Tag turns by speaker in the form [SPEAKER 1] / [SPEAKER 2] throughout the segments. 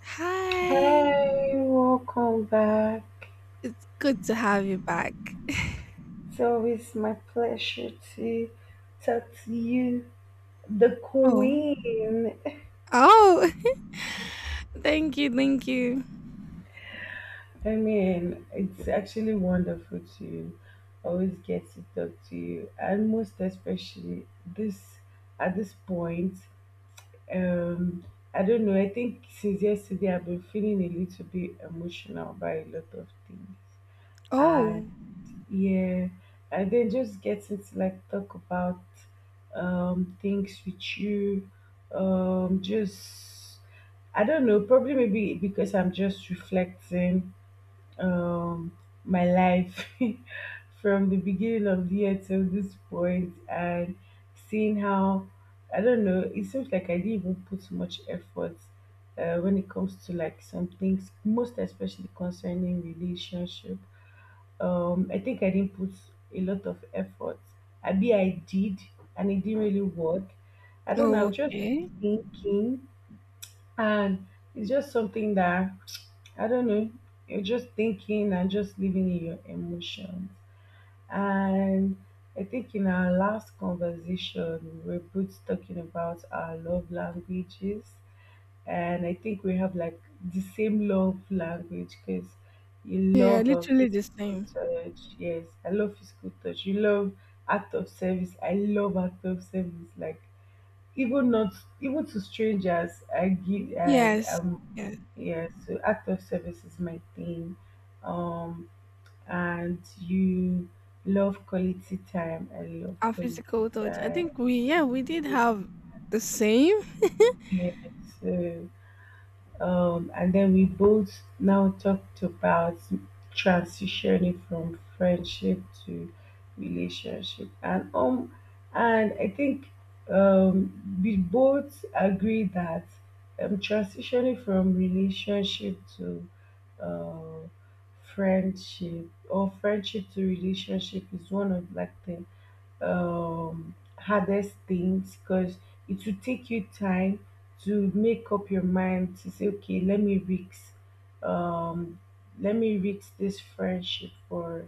[SPEAKER 1] Hi.
[SPEAKER 2] Hi, welcome back.
[SPEAKER 1] It's good to have you back.
[SPEAKER 2] It's always my pleasure to talk to you, the
[SPEAKER 1] Oh.
[SPEAKER 2] Queen.
[SPEAKER 1] Oh, thank you, thank you.
[SPEAKER 2] I mean, it's actually wonderful to always get to talk to you, and most especially this at this point. Um, I don't know. I think since yesterday, I've been feeling a little bit emotional by a lot of things. And
[SPEAKER 1] Oh,
[SPEAKER 2] yeah, and then just getting to like talk about things with you, just, I don't know, probably maybe because I'm just reflecting, um my life, from the beginning of the year till this point. And seeing how, I don't know, it seems like I didn't even put much effort when it comes to like some things, most especially concerning relationship. I think I didn't put a lot of effort. I did and it didn't really work. I don't know, I was just
[SPEAKER 1] okay.
[SPEAKER 2] thinking. And it's just something that I don't know. You're just thinking and just living in your emotions. And I think in our last conversation we were both talking about our love languages, and I think we have like the same love language because you
[SPEAKER 1] Yeah,
[SPEAKER 2] love
[SPEAKER 1] literally the
[SPEAKER 2] physical
[SPEAKER 1] same.
[SPEAKER 2] touch. Yes, I love physical touch. You love act of service. I love act of service. Like, even not even to strangers, I give. I
[SPEAKER 1] Yes. Yes.
[SPEAKER 2] yeah. So act of service is my thing. Um and you love quality time. I love
[SPEAKER 1] Our
[SPEAKER 2] quality
[SPEAKER 1] physical touch. I
[SPEAKER 2] time.
[SPEAKER 1] think we, yeah, we did have the same.
[SPEAKER 2] Yes. So. And then we both now talked about transitioning from friendship to relationship, and I think, we both agree that, transitioning from relationship to uh, friendship, or friendship to relationship, is one of like the hardest things, because it will take you time to make up your mind to say, okay, um, let me risk this friendship for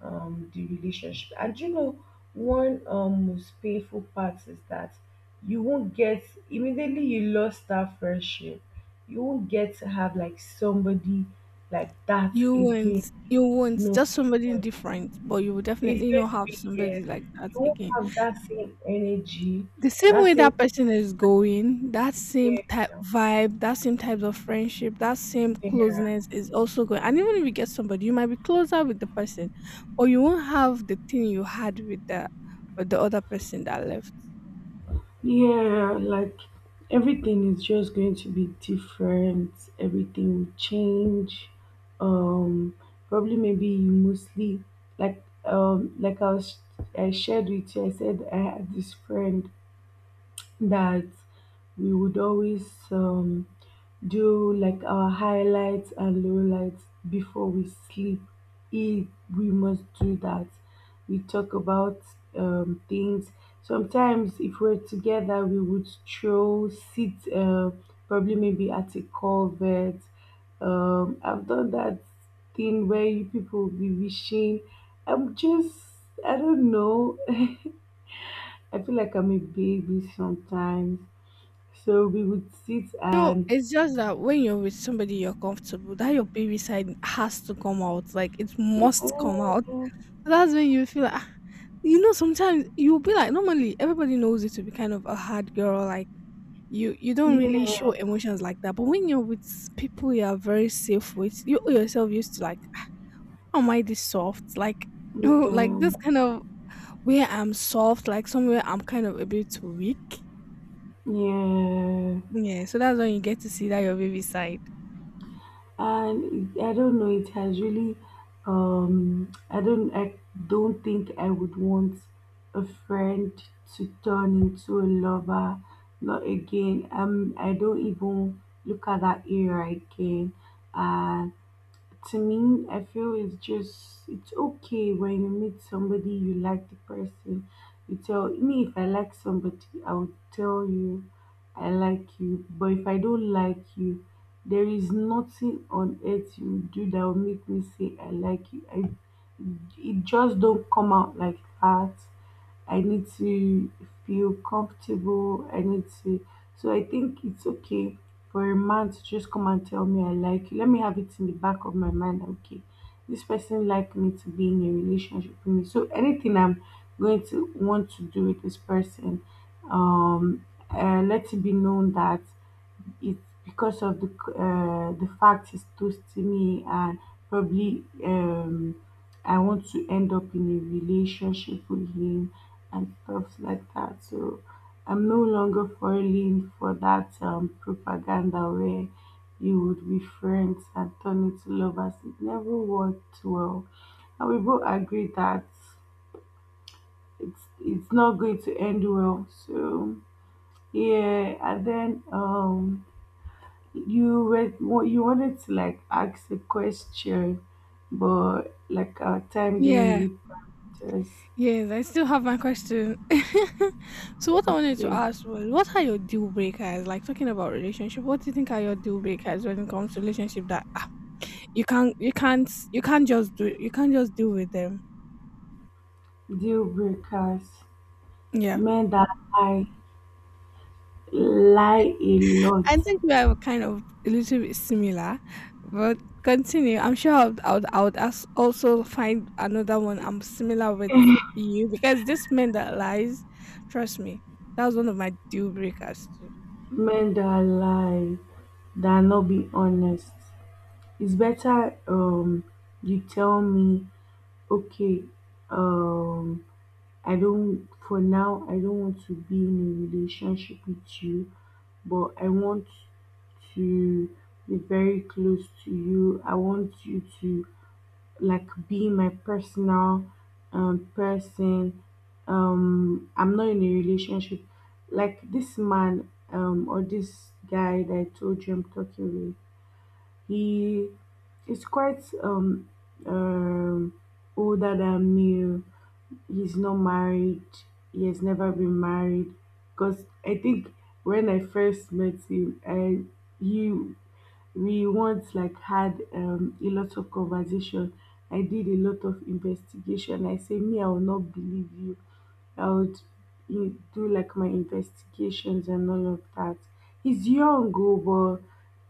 [SPEAKER 2] the relationship. And you know, one most painful part is that you won't get, immediately you lost that friendship, you won't get to have like somebody like that
[SPEAKER 1] You
[SPEAKER 2] again.
[SPEAKER 1] weren't you weren't
[SPEAKER 2] No,
[SPEAKER 1] just somebody different, but you will
[SPEAKER 2] it's
[SPEAKER 1] definitely
[SPEAKER 2] going
[SPEAKER 1] not
[SPEAKER 2] to
[SPEAKER 1] have
[SPEAKER 2] be
[SPEAKER 1] somebody
[SPEAKER 2] years.
[SPEAKER 1] like that
[SPEAKER 2] You won't
[SPEAKER 1] again.
[SPEAKER 2] have that same energy,
[SPEAKER 1] The same
[SPEAKER 2] that
[SPEAKER 1] way that
[SPEAKER 2] same,
[SPEAKER 1] person is going, that same
[SPEAKER 2] yeah,
[SPEAKER 1] type vibe, that same types of friendship, that same
[SPEAKER 2] yeah.
[SPEAKER 1] closeness is also going. And even if you get somebody, you might be closer with the person, or you won't have the thing you had with the other person that left.
[SPEAKER 2] Yeah, like everything is just going to be different. Everything will change. Um, probably maybe you mostly, like I was, I shared with you. I said I had this friend that we would always, do like our highlights and lowlights before we sleep. If we must do that, we talk about, things. Sometimes, if we're together, we would throw sit probably maybe at a covert. I've done that thing where you people will be wishing. I'm just, I don't know. I feel like I'm a baby sometimes. So we would sit
[SPEAKER 1] No,
[SPEAKER 2] and
[SPEAKER 1] it's just that when you're with somebody you're comfortable, that your baby side has to come out. Like it
[SPEAKER 2] yeah,
[SPEAKER 1] must come out.
[SPEAKER 2] yeah,
[SPEAKER 1] That's when you feel like, ah, sometimes you'll be like, normally everybody knows you to be kind of a hard girl, like you don't really show
[SPEAKER 2] yeah,
[SPEAKER 1] emotions like that. But when you're with people you are very safe with, you yourself used to like, how am I this soft? Like, like this kind of where I'm soft, like somewhere I'm kind of a bit weak.
[SPEAKER 2] yeah.
[SPEAKER 1] Yeah, so that's when you get to see that your baby side.
[SPEAKER 2] And I don't know, it has really, I don't, I don't think I would want a friend to turn into a lover. Not again. I don't even look at that area again. And to me, I feel it's just, it's okay when you meet somebody you like the person. You tell me, if I like somebody, I would tell you I like you. But if I don't like you, there is nothing on earth you do that will make me say I like you. It just don't come out like that. I need to feel comfortable. I need to. So I think it's okay for a man to just come and tell me I like you. Let me have it in the back of my mind. Okay, this person like me to be in a relationship with me. So anything I'm going to want to do with this person, um, let it be known that it's because of the fact it toasty me, and probably I want to end up in a relationship with him and stuff like that. So I'm no longer falling for that propaganda where you would be friends and turn into lovers. It never worked well. And we both agree that it's not going to end well. So yeah, and then you were, you wanted to like ask a question, but like our time didn't
[SPEAKER 1] Yeah.
[SPEAKER 2] really just,
[SPEAKER 1] Yes, I still have my question. So what I wanted to
[SPEAKER 2] yeah.
[SPEAKER 1] ask was, what are your deal breakers? Like talking about relationship, what do you think are your deal breakers when it comes to relationship that, ah, you can't just deal with them?
[SPEAKER 2] Deal breakers,
[SPEAKER 1] Yeah.
[SPEAKER 2] men that lie, lie a lot,
[SPEAKER 1] I think we are kind of a little bit similar, but continue. I'm sure I would ask, also find another one I'm similar with you, because this man that lies, trust me, that was one of my deal breakers.
[SPEAKER 2] men that lie, that not be honest. It's better, you tell me, okay, um I don't, for now, I don't want to be in a relationship with you, but I want to be very close to you. I want you to like be my personal person. I'm not in a relationship. Like this man, or this guy that I told you I'm talking with, he is quite um older than me. He's not married. He has never been married. Because I think when I first met him, I, he we once like had, a lot of conversation. I did a lot of investigation. I say, me, I will not believe you. I would, you do like my investigations and all of that. He's young, oh, but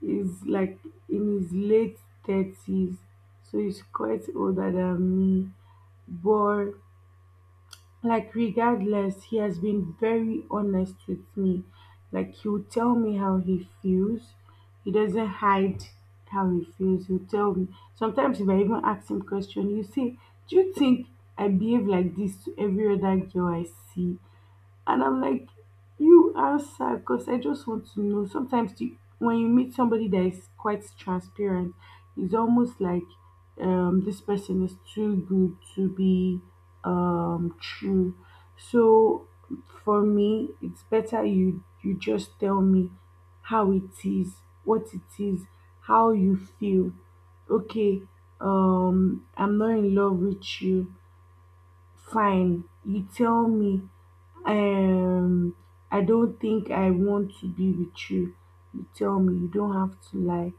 [SPEAKER 2] he's like in his late 30s, so he's quite older than me. But like, regardless, he has been very honest with me. Like he'll tell me how he feels. He doesn't hide how he feels. He'll tell me sometimes, if I even ask him question, you see, do you think I behave like this to every other girl I see? And I'm like, you answer, because I just want to know. Sometimes you, when you meet somebody that is quite transparent, it's almost like, this person is too good to be, true. So for me, it's better you, just tell me how it is, what it is, how you feel. Okay, I'm not in love with you. Fine, you tell me, um I don't think I want to be with you. You tell me. You don't have to lie.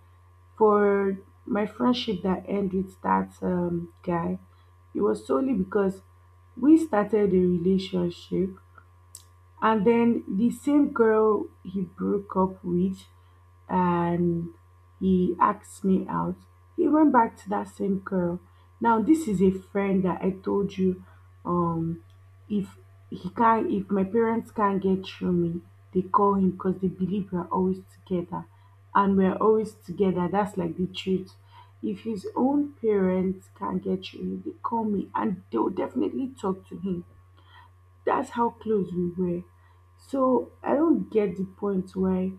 [SPEAKER 2] For my friendship that ended with that guy, it was solely because we started a relationship, and then the same girl he broke up with, and he asked me out. He went back to that same girl. Now this is a friend that I told you, um if he can't, if my parents can't get through me, they call him, because they believe we're always together. And we're always together. That's like the truth. If his own parents can't get through him, they call me, and they'll definitely talk to him. That's how close we were. So I don't get the point. Why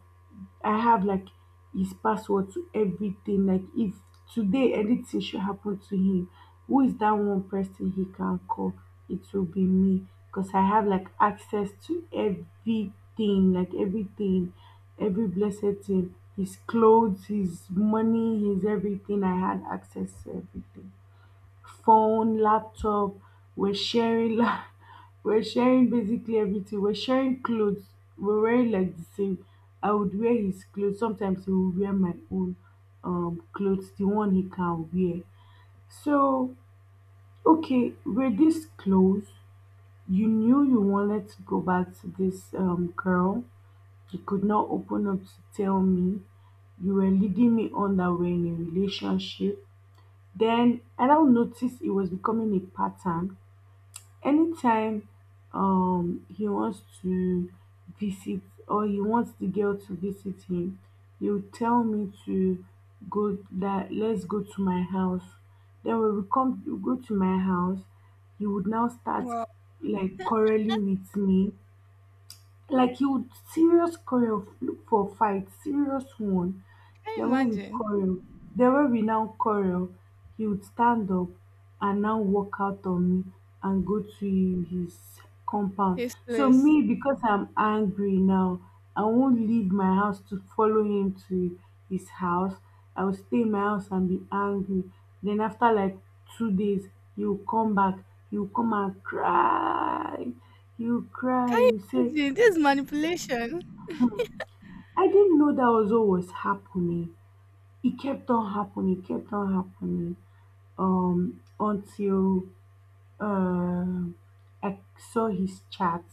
[SPEAKER 2] I have like his password to everything. Like if today anything should happen to him, who is that one person he can call? It will be me, because I have like access to everything, like everything, every blessed thing. His clothes, his money, his everything. I had access to everything, phone, laptop, we're sharing la we're sharing basically everything. We're sharing clothes. We're wearing like the same. I would wear his clothes. Sometimes he will wear my own clothes, the one he can wear. So okay, we're this close. You knew you wanted to go back to this girl. You could not open up to tell me. You were leading me on that we're in a relationship. Then I now noticed it was becoming a pattern. Anytime he wants to visit, or he wants the girl to visit him, he would tell me to go, that let's go to my house. Then when we come, we go to my house, he would now start
[SPEAKER 1] Wow,
[SPEAKER 2] like quarreling with me, like you would serious choreo look for fight, serious one.
[SPEAKER 1] can you
[SPEAKER 2] Then when we
[SPEAKER 1] imagine?
[SPEAKER 2] choreo, then when we now choreo, he would stand up and now walk out on me and go to his compound.
[SPEAKER 1] His
[SPEAKER 2] So
[SPEAKER 1] place?
[SPEAKER 2] me, because I'm angry now, I won't leave my house to follow him to his house. I will stay in my house and be angry. Then after like 2 days, he will come back. He will come and cry. You cry.
[SPEAKER 1] Can you
[SPEAKER 2] You say,
[SPEAKER 1] imagine? This is manipulation.
[SPEAKER 2] I didn't know that was always happening. It kept on happening, it kept on happening. Until uh, I saw his chat.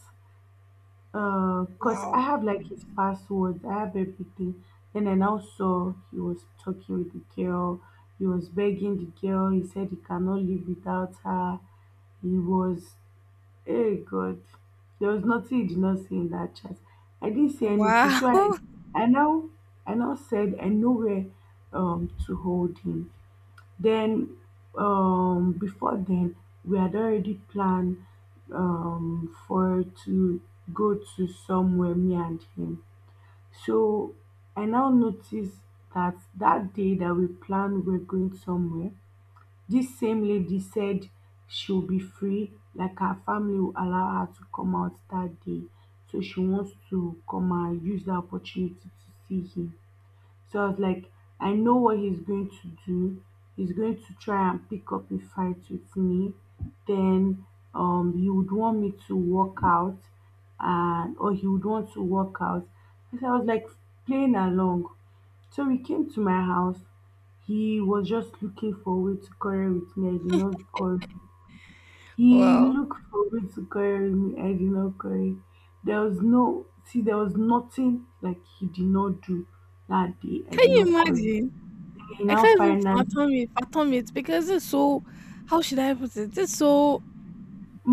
[SPEAKER 2] Cause
[SPEAKER 1] Wow.
[SPEAKER 2] I have like his password, I have everything. Then I now saw he was talking with the girl. He was begging the girl. He said he cannot live without her. He was, Hey God, there was nothing you did not see in that chat. I didn't see anything.
[SPEAKER 1] Wow.
[SPEAKER 2] I now, I now said I know where to hold him. Then, before then, we had already planned for to go to somewhere, me and him. So I now noticed that, that day that we planned we're going somewhere, this same lady said she'll be free, like her family will allow her to come out that day, so she wants to come and use that opportunity to see him. So I was like, I know what he's going to do. He's going to try and pick up a fight with me. Then he would want me to walk out, and or he would want to walk out. And so I was like playing along. So we came to my house. He was just looking for a way to quarrel with me. I did not quarrel. He
[SPEAKER 1] Wow!
[SPEAKER 2] looked for me to carry me. I did not carry. There was no, see, there was nothing like he did not do that day. I
[SPEAKER 1] Can
[SPEAKER 2] did
[SPEAKER 1] you
[SPEAKER 2] not carry.
[SPEAKER 1] imagine?
[SPEAKER 2] He
[SPEAKER 1] I
[SPEAKER 2] now
[SPEAKER 1] can't even
[SPEAKER 2] finally,
[SPEAKER 1] fathom it, fathom it, because it's so. How should I put it? It's so.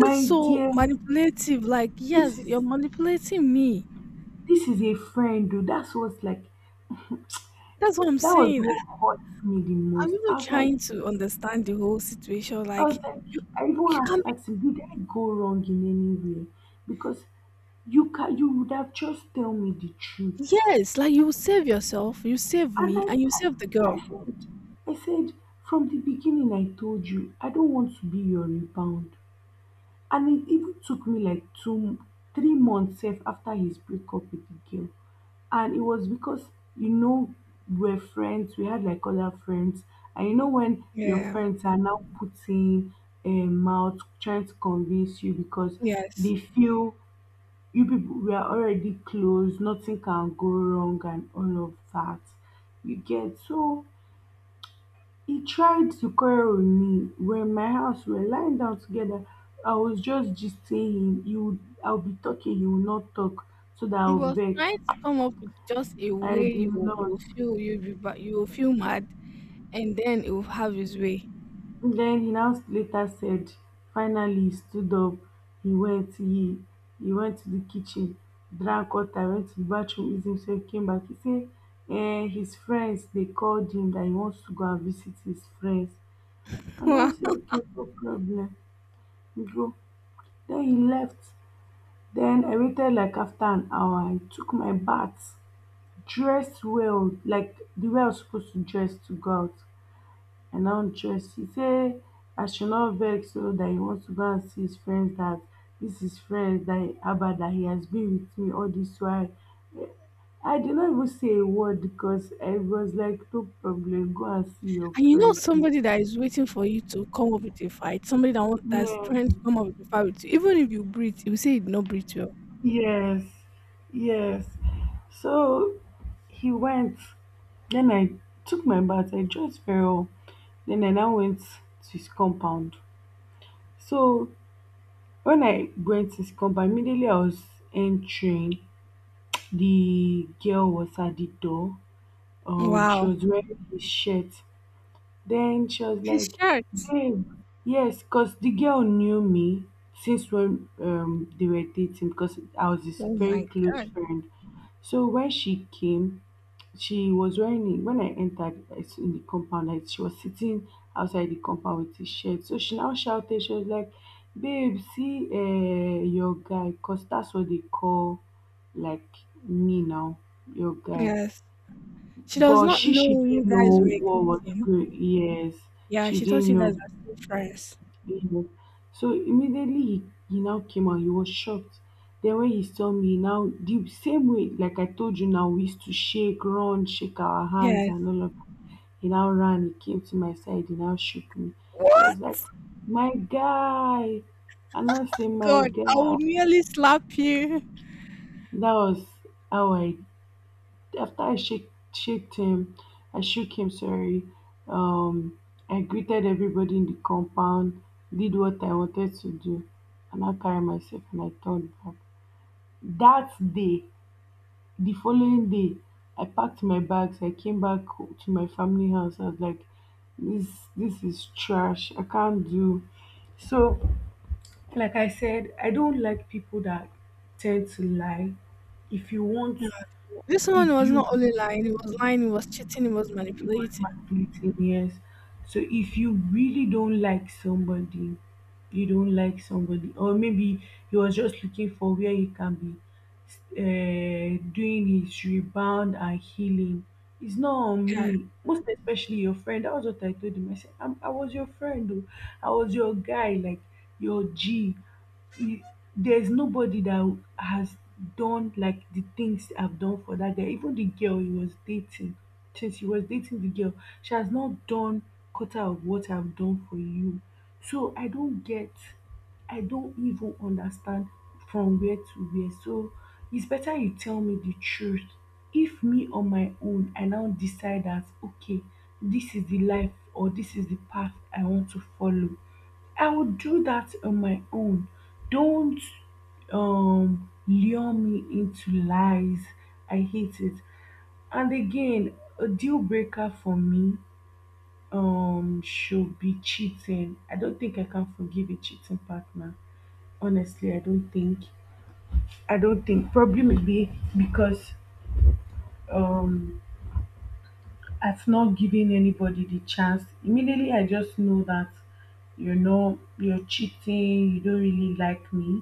[SPEAKER 1] It's so
[SPEAKER 2] dear,
[SPEAKER 1] manipulative. Like,
[SPEAKER 2] this
[SPEAKER 1] yes,
[SPEAKER 2] is
[SPEAKER 1] you're manipulating me.
[SPEAKER 2] this is a friend, dude. That's what's like.
[SPEAKER 1] That's what I'm
[SPEAKER 2] That was
[SPEAKER 1] saying.
[SPEAKER 2] what hurt me the
[SPEAKER 1] I'm
[SPEAKER 2] most.
[SPEAKER 1] even
[SPEAKER 2] I was like,
[SPEAKER 1] trying to understand the whole situation.
[SPEAKER 2] I was
[SPEAKER 1] Like
[SPEAKER 2] like,
[SPEAKER 1] you,
[SPEAKER 2] I even
[SPEAKER 1] you
[SPEAKER 2] had
[SPEAKER 1] can't
[SPEAKER 2] to
[SPEAKER 1] be.
[SPEAKER 2] ask him, did I go wrong in any way? Because you would have just tell me the truth.
[SPEAKER 1] Yes, like you save yourself, you save
[SPEAKER 2] And
[SPEAKER 1] me, and you save the
[SPEAKER 2] I, I,
[SPEAKER 1] girl.
[SPEAKER 2] I said, I said, from the beginning, I told you, I don't want to be your rebound. And it even took me like two, 3 months sef after his breakup with the girl. And it was because, you know, we're friends, we had like other friends. And when your
[SPEAKER 1] Yeah.
[SPEAKER 2] friends are now putting a mouth, trying to convince you because
[SPEAKER 1] Yes.
[SPEAKER 2] they feel you people, we are already close, nothing can go wrong, and all of that. You get so. He tried to quarrel with me, we're in my house, we're lying down together, I was just gisting him, he would I'll be talking, he would not talk, so that
[SPEAKER 1] He
[SPEAKER 2] I'll
[SPEAKER 1] was
[SPEAKER 2] vex.
[SPEAKER 1] trying to come up with just a
[SPEAKER 2] I
[SPEAKER 1] way
[SPEAKER 2] did
[SPEAKER 1] you
[SPEAKER 2] not.
[SPEAKER 1] you feel you'll be, but you'll feel mad, and then he will have his way.
[SPEAKER 2] Then he now later said, finally he stood up, he went, he, he went to the kitchen, drank water, went to the bathroom, eased himself, came back. He said, his friends, they called him that he wants to go and visit his friends. And I said, okay, no problem, he go. Then he left. Then I waited like after an hour. I took my bath, dressed well, like the way I was supposed to dress to go out. I now dressed. He say I should not vex so that he wants to go and see his friends that this is friends that Abba that he has been with me all this while. I did not even say a word because I was like, no problem, go and see your
[SPEAKER 1] And you know
[SPEAKER 2] friends now.
[SPEAKER 1] somebody that is waiting for you to come up with a fight, somebody that's
[SPEAKER 2] Yeah,
[SPEAKER 1] trying to come up with a fight with you. Even if you breathe, he will say he did not breathe well.
[SPEAKER 2] yes, yes. So he went. Then I took my bath. I dressed very well. Then I now went to his compound. So when I went to his compound, immediately I was entering, the girl was at the door. She
[SPEAKER 1] Wow.
[SPEAKER 2] was wearing this shirt. Then she was
[SPEAKER 1] His
[SPEAKER 2] like,
[SPEAKER 1] shirt.
[SPEAKER 2] babe, yes, because the girl knew me since when they were dating because I was his
[SPEAKER 1] Oh
[SPEAKER 2] very
[SPEAKER 1] my
[SPEAKER 2] close
[SPEAKER 1] god.
[SPEAKER 2] friend. So when she came, she was wearing it. When I entered in the compound, like, she was sitting outside the compound with his shirt. So she now shouted, she was like, babe, see, your guy, because that's what they call like me now, your guy.
[SPEAKER 1] Yes. She does
[SPEAKER 2] But
[SPEAKER 1] not
[SPEAKER 2] she
[SPEAKER 1] know
[SPEAKER 2] she didn't
[SPEAKER 1] you guys
[SPEAKER 2] know
[SPEAKER 1] were
[SPEAKER 2] what was
[SPEAKER 1] dating.
[SPEAKER 2] good. Yes,
[SPEAKER 1] Yeah,
[SPEAKER 2] she
[SPEAKER 1] she thought
[SPEAKER 2] didn't
[SPEAKER 1] you guys
[SPEAKER 2] know.
[SPEAKER 1] are still friends.
[SPEAKER 2] Yeah. So immediately he now came out. He was shocked. Then when he saw me now, the same way like I told you now, we used to shake, run, shake our hands
[SPEAKER 1] Yes.
[SPEAKER 2] and all of that. He now ran. He came to my side. He now shook me. He was
[SPEAKER 1] What?
[SPEAKER 2] like, "My guy," and I say, "My
[SPEAKER 1] God, I
[SPEAKER 2] guy."
[SPEAKER 1] would nearly slap you.
[SPEAKER 2] That was how I. After I shaked him, I shook him, sorry. Um, I greeted everybody in the compound, did what I wanted to do, and I carried myself and I turned back. That day, the following day, I packed my bags. I came back to my family house. I was like, this is trash. I can't do. So, like I said, I don't like people that tend to lie. If you want,
[SPEAKER 1] Yeah. This one
[SPEAKER 2] if
[SPEAKER 1] was
[SPEAKER 2] you,
[SPEAKER 1] not only lying, it was cheating, it was
[SPEAKER 2] it was
[SPEAKER 1] manipulating.
[SPEAKER 2] manipulating, yes, so if you really don't like somebody, you don't like somebody, or maybe he was just looking for where he can be doing his rebound and healing. It's not on
[SPEAKER 1] Yeah.
[SPEAKER 2] me, most especially your friend. That was what I told him. I said, I was your friend though. I was your guy like your g he, there's nobody that has done like the things I've done for that guy. Even the girl he was dating, since he was dating the girl, she has not done quarter of what I've done for you. So I don't get, I don't even understand from where to where. So it's better you tell me the truth. If me on my own, I now decide that okay, this is the life or this is the path I want to follow, I would do that on my own. Don't lure me into lies. I hate it. And again, a deal breaker for me should be cheating. I don't think I can forgive a cheating partner. Honestly, I don't think. I don't think. Probably maybe because um, I've not given anybody the chance. Immediately, I just know that you know you're cheating. You don't really like me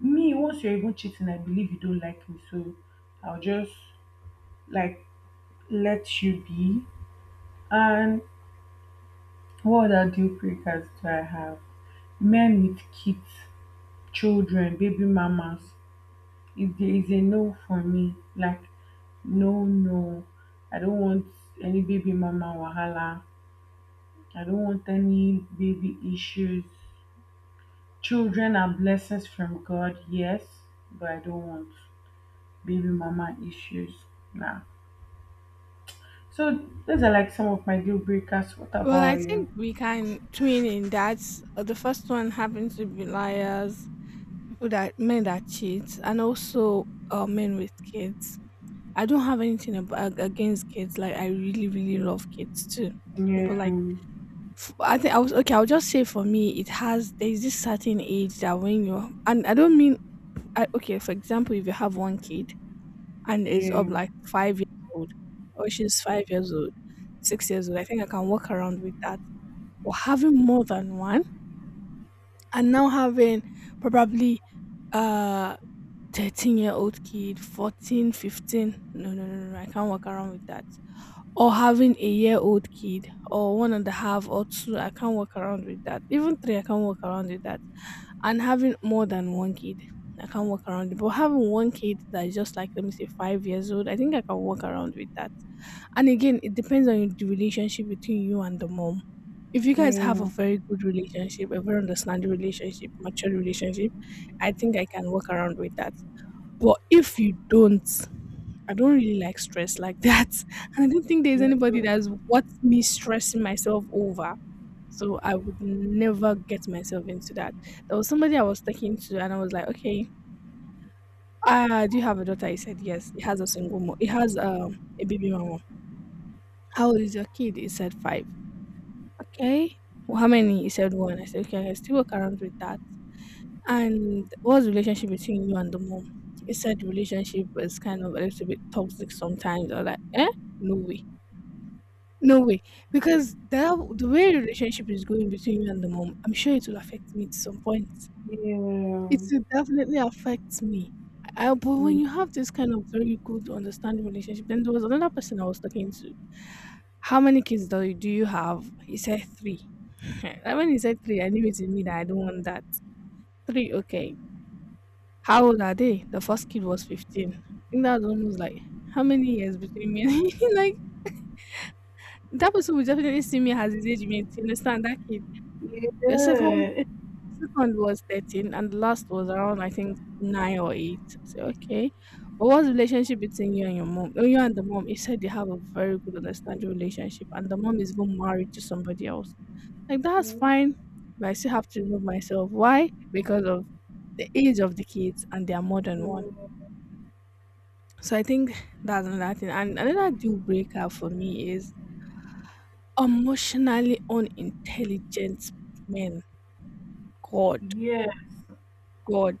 [SPEAKER 2] me once you're even cheating. I believe you don't like me, so I'll just like let you be. And what other deal breakers do I have? Men with kids, children, baby mamas. If there is a no for me, like no, no, I don't want any baby mama wahala. I don't want any baby issues. Children are blessings from God, yes, but I don't want baby mama issues. Nah. So those are like some of my deal breakers. What
[SPEAKER 1] Well,
[SPEAKER 2] about
[SPEAKER 1] I think
[SPEAKER 2] you?
[SPEAKER 1] we can twin in that. The first one having to be liars, people that men that cheat, and also men with kids. I don't have anything against kids. Like, I really, really love kids too, but
[SPEAKER 2] Yeah,
[SPEAKER 1] like. I think I was okay. I'll just say for me, it has there's this certain age that, when you're and I don't mean I, okay. For example, if you have one kid and is of
[SPEAKER 2] yeah,
[SPEAKER 1] like 5 years old, or she's 5 years old, 6 years old, I think I can walk around with that. Or having more than one, and now having probably uh 13-year-old kid, 14, 15. No, no, no, no, no, I can't walk around with that, or having a year old kid or one and a half or two, I can't work around with that. Even three, I can't work around with that. And having more than one kid, I can't work around it. But having one kid that is just like, let me say, 5 years old, I think I can work around with that. And again, it depends on the relationship between you and the mom. If you guys have a
[SPEAKER 2] yeah,
[SPEAKER 1] very good relationship, a very understanding relationship, mature relationship, I think I can work around with that. But if you don't, I don't really like stress like that. And I don't think there's
[SPEAKER 2] yeah,
[SPEAKER 1] anybody
[SPEAKER 2] yeah,
[SPEAKER 1] that's worth me stressing myself over. So I would never get myself into that. There was somebody I was talking to, and I was like, okay, do you have a daughter? He said, yes. He has a single mom. He has a baby mama. How old is your kid? He said, five. Okay. Well, how many? He said, one. I said, okay, I can still work around with that. And what's the relationship between you and the mom? You said the relationship was kind of a little bit toxic sometimes. I was like, eh? No way. No way. Because that the way the relationship is going between you and the mom, I'm sure it will affect me to some point. It will definitely affect me. But when you have this kind of very good understanding relationship, then there was another person I was talking to. How many kids do you have? He said three. And when he said three, I knew it in me that I don't want that. Three, okay. How old are they? The first kid was 15. I think that's almost like how many years between me and like that person will definitely see me as his age mate. You understand that kid? The second
[SPEAKER 2] yeah.
[SPEAKER 1] second was 13, and the last was around, I think, nine or eight. So okay. But what's the relationship between you and your mom? Oh, you and the mom. He said they have a very good understanding relationship, and the mom is even married to somebody else. Like, that's fine. But I still have to remove myself. Why? Because of the age of the kids, and they are more than one. So I think that's another thing. And another deal breaker for me is emotionally unintelligent men. God.
[SPEAKER 2] Yes,
[SPEAKER 1] God.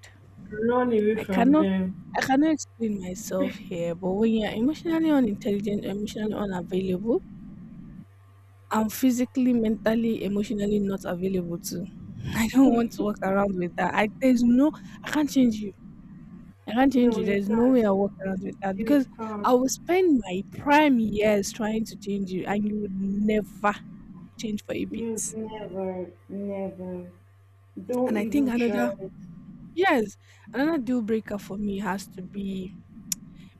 [SPEAKER 2] run away
[SPEAKER 1] I
[SPEAKER 2] from
[SPEAKER 1] cannot
[SPEAKER 2] them.
[SPEAKER 1] I cannot explain myself here, but when you're emotionally unintelligent, emotionally unavailable, I'm physically, mentally, emotionally not available too. I don't want to walk around with that. I there's no I can't change you. I can't change
[SPEAKER 2] No,
[SPEAKER 1] you.
[SPEAKER 2] you
[SPEAKER 1] There's no
[SPEAKER 2] can't.
[SPEAKER 1] way I'll work around with that,
[SPEAKER 2] You
[SPEAKER 1] because
[SPEAKER 2] can't.
[SPEAKER 1] I will spend my prime years trying to change you, and you would never change for a
[SPEAKER 2] You
[SPEAKER 1] bit.
[SPEAKER 2] never, never. Don't
[SPEAKER 1] And I think
[SPEAKER 2] even
[SPEAKER 1] another,
[SPEAKER 2] try it.
[SPEAKER 1] yes, another deal breaker for me has to be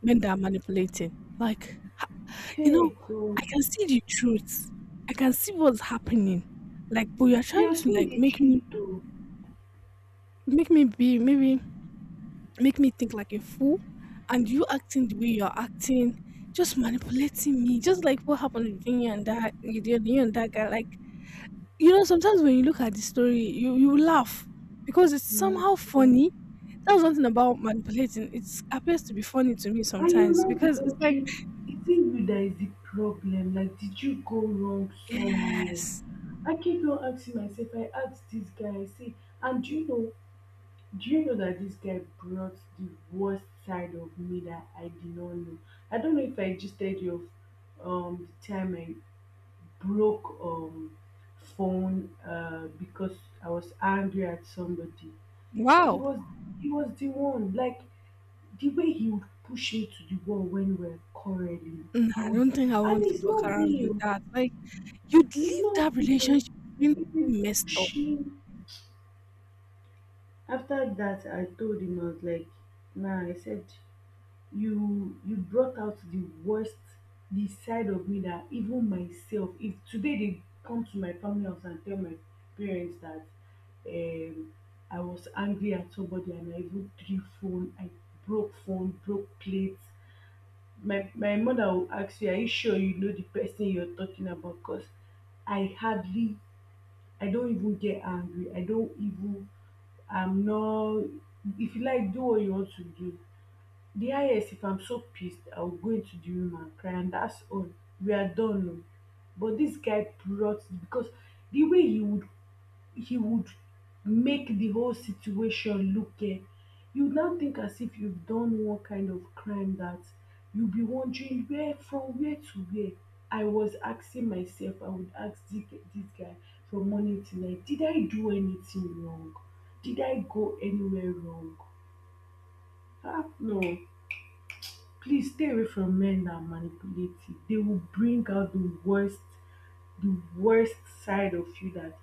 [SPEAKER 1] men that are manipulating. Like, you know,
[SPEAKER 2] Hey, God,
[SPEAKER 1] I can see the truth. I can see what's happening. Like, but you're trying
[SPEAKER 2] you're
[SPEAKER 1] to,
[SPEAKER 2] seeing
[SPEAKER 1] like,
[SPEAKER 2] the tree, though.
[SPEAKER 1] make me be maybe make me think like a fool, and you acting the way you're acting, just manipulating me, just like what happened between you and that you and you and that guy. Like, sometimes when you look at the story, you laugh because it's
[SPEAKER 2] My
[SPEAKER 1] somehow
[SPEAKER 2] God.
[SPEAKER 1] funny. That's one thing about manipulating: it appears to be funny to me
[SPEAKER 2] And you
[SPEAKER 1] sometimes,
[SPEAKER 2] run
[SPEAKER 1] because it's
[SPEAKER 2] without
[SPEAKER 1] like,
[SPEAKER 2] training. Is it you that is the problem? Like did you go wrong somewhere?
[SPEAKER 1] yes.
[SPEAKER 2] I keep on asking myself, I asked this guy, I say, and do you know that this guy brought the worst side of me that I did not know? I don't know if I just told you of the time I broke phone because I was angry at somebody. He
[SPEAKER 1] Wow.
[SPEAKER 2] was he was the one, like the way he would push me to the wall when we're quarreling,
[SPEAKER 1] Nah,
[SPEAKER 2] he
[SPEAKER 1] I
[SPEAKER 2] would,
[SPEAKER 1] don't think I
[SPEAKER 2] and
[SPEAKER 1] want to
[SPEAKER 2] it's
[SPEAKER 1] walk
[SPEAKER 2] not
[SPEAKER 1] around with
[SPEAKER 2] real.
[SPEAKER 1] that. Like, you'd
[SPEAKER 2] It's
[SPEAKER 1] leave
[SPEAKER 2] not
[SPEAKER 1] that
[SPEAKER 2] real.
[SPEAKER 1] relationship being
[SPEAKER 2] He will
[SPEAKER 1] messed up.
[SPEAKER 2] push me. After that, I told him I was like, "Nah," I said, "You brought out the worst, the side of me that even myself. If today they come to my family house and tell my parents that um, I was angry at somebody and I even threw phone, I broke phone, broke plates." My mother go ask you, are you sure you know the person you're talking about? Cause I hardly, I don't even get angry, I don't even, I'm not. If you like, do what you want to do. The highest, if I'm so pissed, I'll go into the room and cry, and that's all. We are done, oh. But this guy brought, because the way he would, he would make the whole situation look, you now think as if you've done one kind of crime, that you'll be wondering where, from where to where. I was asking myself, I would ask this guy, from morning till night, did I do anything wrong? Did I go anywhere wrong? Ah, no. Please stay away from men that are manipulative. They will bring out the worst, the worst side of you that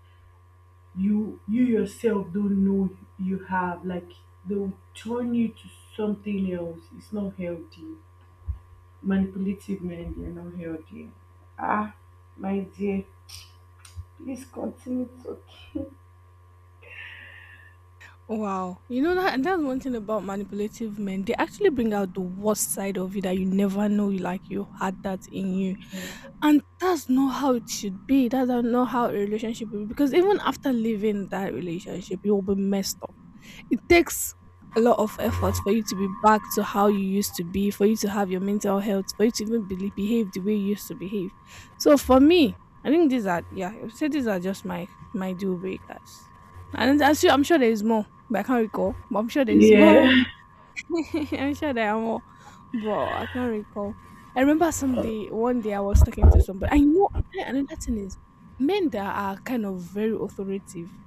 [SPEAKER 2] you yourself don't know you have, like, they'll turn you to something else. It's not healthy. Manipulative men, they're not healthy. Ah, my dear, please continue
[SPEAKER 1] Wow. You know that, and that's one thing about manipulative men. They actually bring out the worst side of you that you never know you, like, you had that in you.
[SPEAKER 2] talking.
[SPEAKER 1] And that's not how it should be. That's not how a relationship will be. Because even after leaving that relationship, you will be messed up. It takes a lot of effort for you to be back to how you used to be, for you to have your mental health, for you to even believe, behave the way you used to behave. So for me, I think these are, yeah, I would say these are just my deal breakers. And I'm sure there is more, but I can't recall. But I'm sure there is
[SPEAKER 2] Yeah.
[SPEAKER 1] more. I'm sure there are more, but I can't recall. I remember one day I was talking to somebody. I know another thing is men that are kind of very authoritative,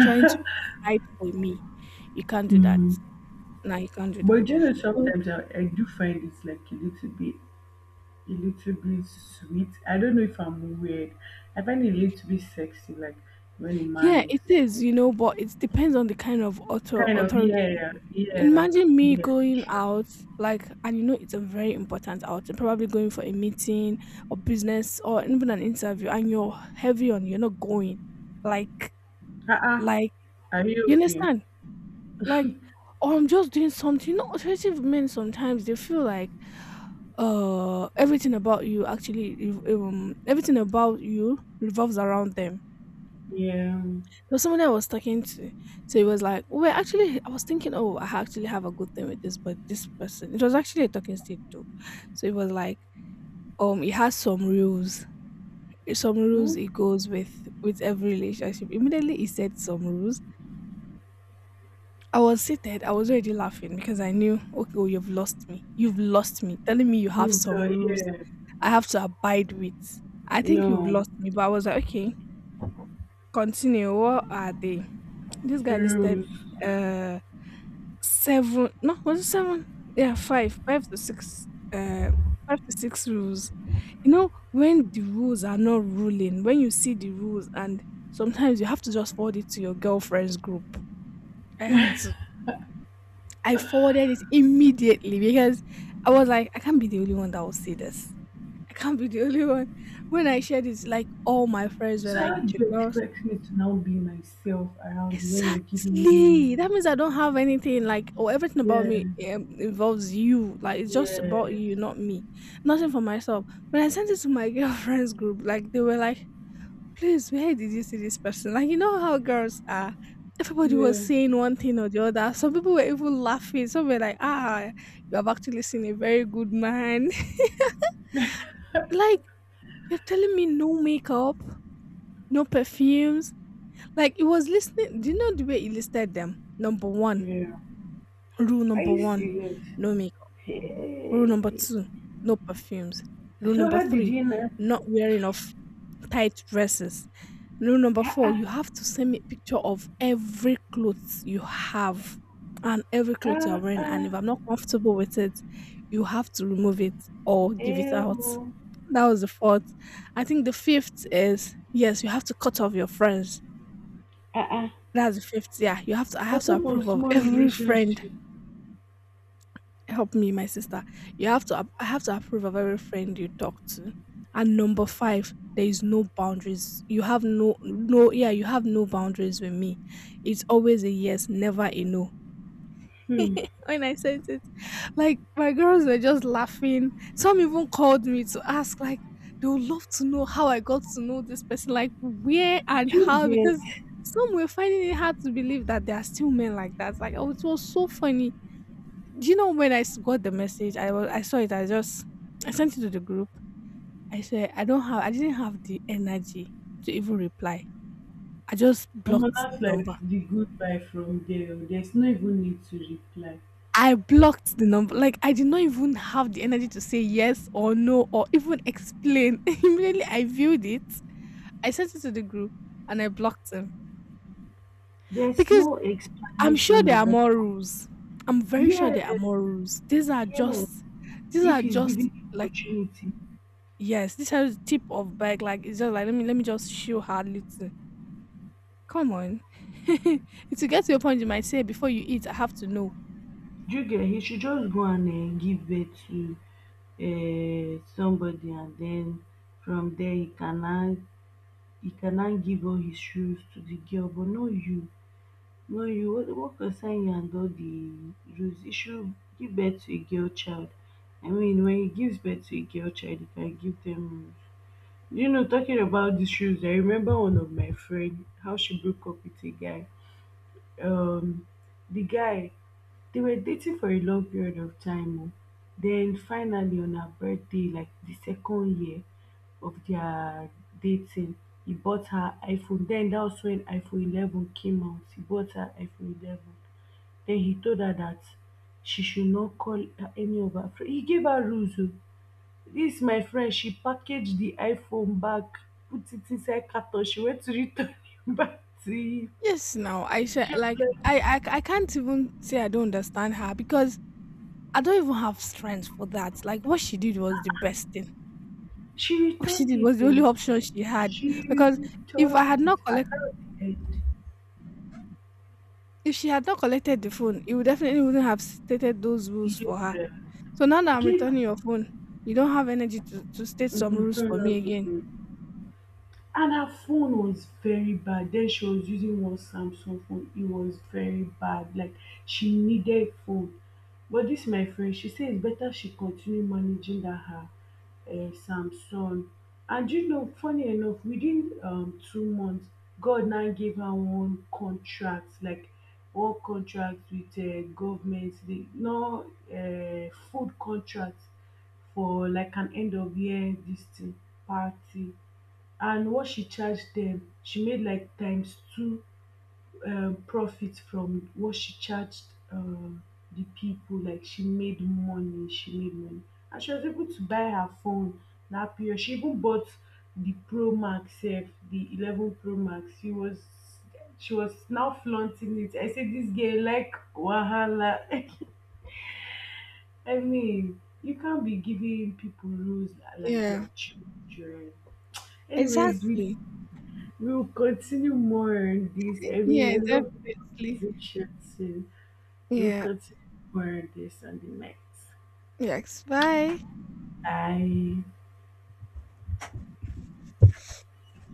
[SPEAKER 1] trying to decide for me. You can't do that.
[SPEAKER 2] Mm.
[SPEAKER 1] No, you can't do that.
[SPEAKER 2] But you know
[SPEAKER 1] Um,
[SPEAKER 2] sometimes I do find it's like a little bit, a little bit sweet. I don't know if I'm weird. I find it a little bit sexy, like when a
[SPEAKER 1] yeah,
[SPEAKER 2] man
[SPEAKER 1] it is,
[SPEAKER 2] is
[SPEAKER 1] but it depends on the kind of
[SPEAKER 2] kind of,
[SPEAKER 1] authority.
[SPEAKER 2] yeah, yeah,
[SPEAKER 1] Imagine me
[SPEAKER 2] yeah,
[SPEAKER 1] going
[SPEAKER 2] sure.
[SPEAKER 1] out, like, and it's a very important outing, probably going for a meeting or business or even an interview, and you're heavy on, you're not going. Like,
[SPEAKER 2] True. Uh-uh.
[SPEAKER 1] like,
[SPEAKER 2] Are you
[SPEAKER 1] you
[SPEAKER 2] okay?
[SPEAKER 1] understand? Like, or I'm just doing something. Authoritative men sometimes they feel like, everything about you actually, everything about you revolves around them.
[SPEAKER 2] Yeah.
[SPEAKER 1] There was someone I was talking to. So it was like, we actually, I was thinking, oh, I actually have a good thing with this, but this person, it was actually a talking stage too. So it was like, it has some rules. Some rules it
[SPEAKER 2] Hmm?
[SPEAKER 1] goes with every relationship. Immediately he said some rules. I was seated. I was already laughing because I knew, okay, well, you've lost me. You've lost me. Telling me you have
[SPEAKER 2] You've,
[SPEAKER 1] some rules
[SPEAKER 2] yeah.
[SPEAKER 1] I have to abide with. I think you've
[SPEAKER 2] No.
[SPEAKER 1] lost me, but I was like, okay, continue. What are they? This guy listed
[SPEAKER 2] Rules.
[SPEAKER 1] uh 7, no, was it 7? Yeah, 5 to 6, uh, 5 to 6 rules. You know, when the rules are not ruling, when you see the rules and sometimes you have to just forward it to your girlfriend's group. I had to. I forwarded it immediately because I was like, I can't be the only one that will see this. I can't be the only one. When I shared it, like all my friends were
[SPEAKER 2] So how
[SPEAKER 1] like,
[SPEAKER 2] do
[SPEAKER 1] the
[SPEAKER 2] you
[SPEAKER 1] girls.
[SPEAKER 2] expect me to now be myself around you when you're giving me.
[SPEAKER 1] Exactly. That means I don't have anything, like, or everything about
[SPEAKER 2] Yeah,
[SPEAKER 1] me, involves you. Like, it's just about
[SPEAKER 2] yeah,
[SPEAKER 1] you, not me. Nothing for myself. When I sent it to my girlfriends group, like they were like, "Please, where did you see this person?" Like, you know how girls are. Everybody was
[SPEAKER 2] yeah,
[SPEAKER 1] saying one thing or the other. Some people were even laughing. Some were like, "Ah, you have actually seen a very good man." Like, you're telling me no makeup, no perfumes. Like it was listening. Do you know the way he listed them? Number one
[SPEAKER 2] yeah.
[SPEAKER 1] Rule
[SPEAKER 2] Are
[SPEAKER 1] number
[SPEAKER 2] you
[SPEAKER 1] one,
[SPEAKER 2] serious?
[SPEAKER 1] no makeup. Rule
[SPEAKER 2] Hey.
[SPEAKER 1] number two, no perfumes. Rule
[SPEAKER 2] So
[SPEAKER 1] number
[SPEAKER 2] how did
[SPEAKER 1] three,
[SPEAKER 2] you know?
[SPEAKER 1] not wearing of tight dresses. Rule number
[SPEAKER 2] Ah,
[SPEAKER 1] four, you
[SPEAKER 2] ah,
[SPEAKER 1] have to send me a picture of every clothes you have and every clothes
[SPEAKER 2] ah,
[SPEAKER 1] you're wearing. And
[SPEAKER 2] ah,
[SPEAKER 1] if I'm not comfortable with it, you have to remove it or give it
[SPEAKER 2] eh,
[SPEAKER 1] out.
[SPEAKER 2] oh.
[SPEAKER 1] That was the fourth. I think the fifth is, yes, you have to cut off your friends.
[SPEAKER 2] Ah, ah.
[SPEAKER 1] That's the fifth. Yeah, you have to. I
[SPEAKER 2] On
[SPEAKER 1] have to
[SPEAKER 2] top of
[SPEAKER 1] approve of
[SPEAKER 2] small
[SPEAKER 1] every friend.
[SPEAKER 2] relationship.
[SPEAKER 1] Help me, my sister. You have to, I have to approve of every friend you talk to. And number five, there is no boundaries. You have no boundaries with me. It's always a yes, never a no.
[SPEAKER 2] Hmm.
[SPEAKER 1] When I said it, like, my girls were just laughing. Some even called me to ask, like, they would love to know how I got to know this person, like where and
[SPEAKER 2] Do you
[SPEAKER 1] how, because
[SPEAKER 2] get?
[SPEAKER 1] some were finding it hard to believe that there are still men like that. Like, oh, it was so funny. Do you know when I got the message? I saw it. I sent it to the group. I said I don't have. I didn't have the energy to even reply. I just
[SPEAKER 2] Omo,
[SPEAKER 1] blocked
[SPEAKER 2] that's
[SPEAKER 1] the
[SPEAKER 2] like
[SPEAKER 1] number.
[SPEAKER 2] the goodbye from there, oh. There's no even need to reply.
[SPEAKER 1] I blocked the number. Like, I did not even have the energy to say yes or no or even explain. Immediately I viewed it. I sent it to the group and I blocked him
[SPEAKER 2] There's
[SPEAKER 1] because
[SPEAKER 2] no
[SPEAKER 1] I'm sure
[SPEAKER 2] explanation
[SPEAKER 1] there
[SPEAKER 2] at
[SPEAKER 1] are
[SPEAKER 2] that.
[SPEAKER 1] more rules. I'm very sure
[SPEAKER 2] Yes,
[SPEAKER 1] there are more rules. These are
[SPEAKER 2] yes.
[SPEAKER 1] just these
[SPEAKER 2] If
[SPEAKER 1] are
[SPEAKER 2] he's
[SPEAKER 1] just
[SPEAKER 2] giving you
[SPEAKER 1] like.
[SPEAKER 2] opportunity,
[SPEAKER 1] Yes, this has tip of bike. Like, it's just like let me just show her little. Come on. To get to your point, you might say before you eat, I have to know.
[SPEAKER 2] do you get? He should just go and give birth to uh, somebody, and then from there he cannot, he cannot give all his shoes to the girl, but not you. No, you what concern you and all the rules? You should give birth to a girl child. I mean, when he gives birth to a girl child, he can give them rules. You know, talking about these rules, I remember one of my friend how she broke up with a guy. Um, the guy, they were dating for a long period of time, oh. Then finally, on her birthday, like the second year of their dating, he bought her iPhone. Then that was when iPhone 11 came out. He bought her iPhone 11. Then he told her that she should not call any of her friends. He gave her rules, oh. This my friend, she packaged the iPhone back, put it inside carton. She went to return it back to him.
[SPEAKER 1] Yes, now I share,
[SPEAKER 2] She was
[SPEAKER 1] like,
[SPEAKER 2] like,
[SPEAKER 1] I can't even say I don't understand her, because I don't even have strength for that. Like, what she did was the best thing.
[SPEAKER 2] she
[SPEAKER 1] What she
[SPEAKER 2] returned
[SPEAKER 1] did was
[SPEAKER 2] it
[SPEAKER 1] the only
[SPEAKER 2] though.
[SPEAKER 1] option she had,
[SPEAKER 2] She
[SPEAKER 1] because if I
[SPEAKER 2] returned
[SPEAKER 1] had
[SPEAKER 2] it.
[SPEAKER 1] not collect
[SPEAKER 2] And that was the end.
[SPEAKER 1] if she had not collected the phone, it would definitely wouldn't have stated those rules for her.
[SPEAKER 2] Yeah.
[SPEAKER 1] So now that I'm
[SPEAKER 2] Give.
[SPEAKER 1] returning your phone, you don't have energy to state some rules for me again.
[SPEAKER 2] And her phone was very bad. Then she was using one Samsung phone. It was very bad, like she needed phone, but this my friend, she say it's better she continue managing that her Samsung. And you know, funny enough, within 2 months, God now gave her one contract, like one contract with government, the no, food contract for like an end of year this thing party. And what she charged them, she made like times two profit from what she charged um, the people. Like she made money, she made money, and she was able to buy her phone. That period she even bought the pro max sef, the 11 pro max. She was now flaunting it. I say this girl, like wahala. I mean you can't be giving people rules like they
[SPEAKER 1] Yeah,
[SPEAKER 2] are children. Anyways,
[SPEAKER 1] exactly.
[SPEAKER 2] we'll continue more on this. I mean,
[SPEAKER 1] Yeah,
[SPEAKER 2] I love
[SPEAKER 1] definitely.
[SPEAKER 2] this conversation too. We'll
[SPEAKER 1] Yeah.
[SPEAKER 2] continue more on this on the next.
[SPEAKER 1] Yes. Bye.
[SPEAKER 2] Bye.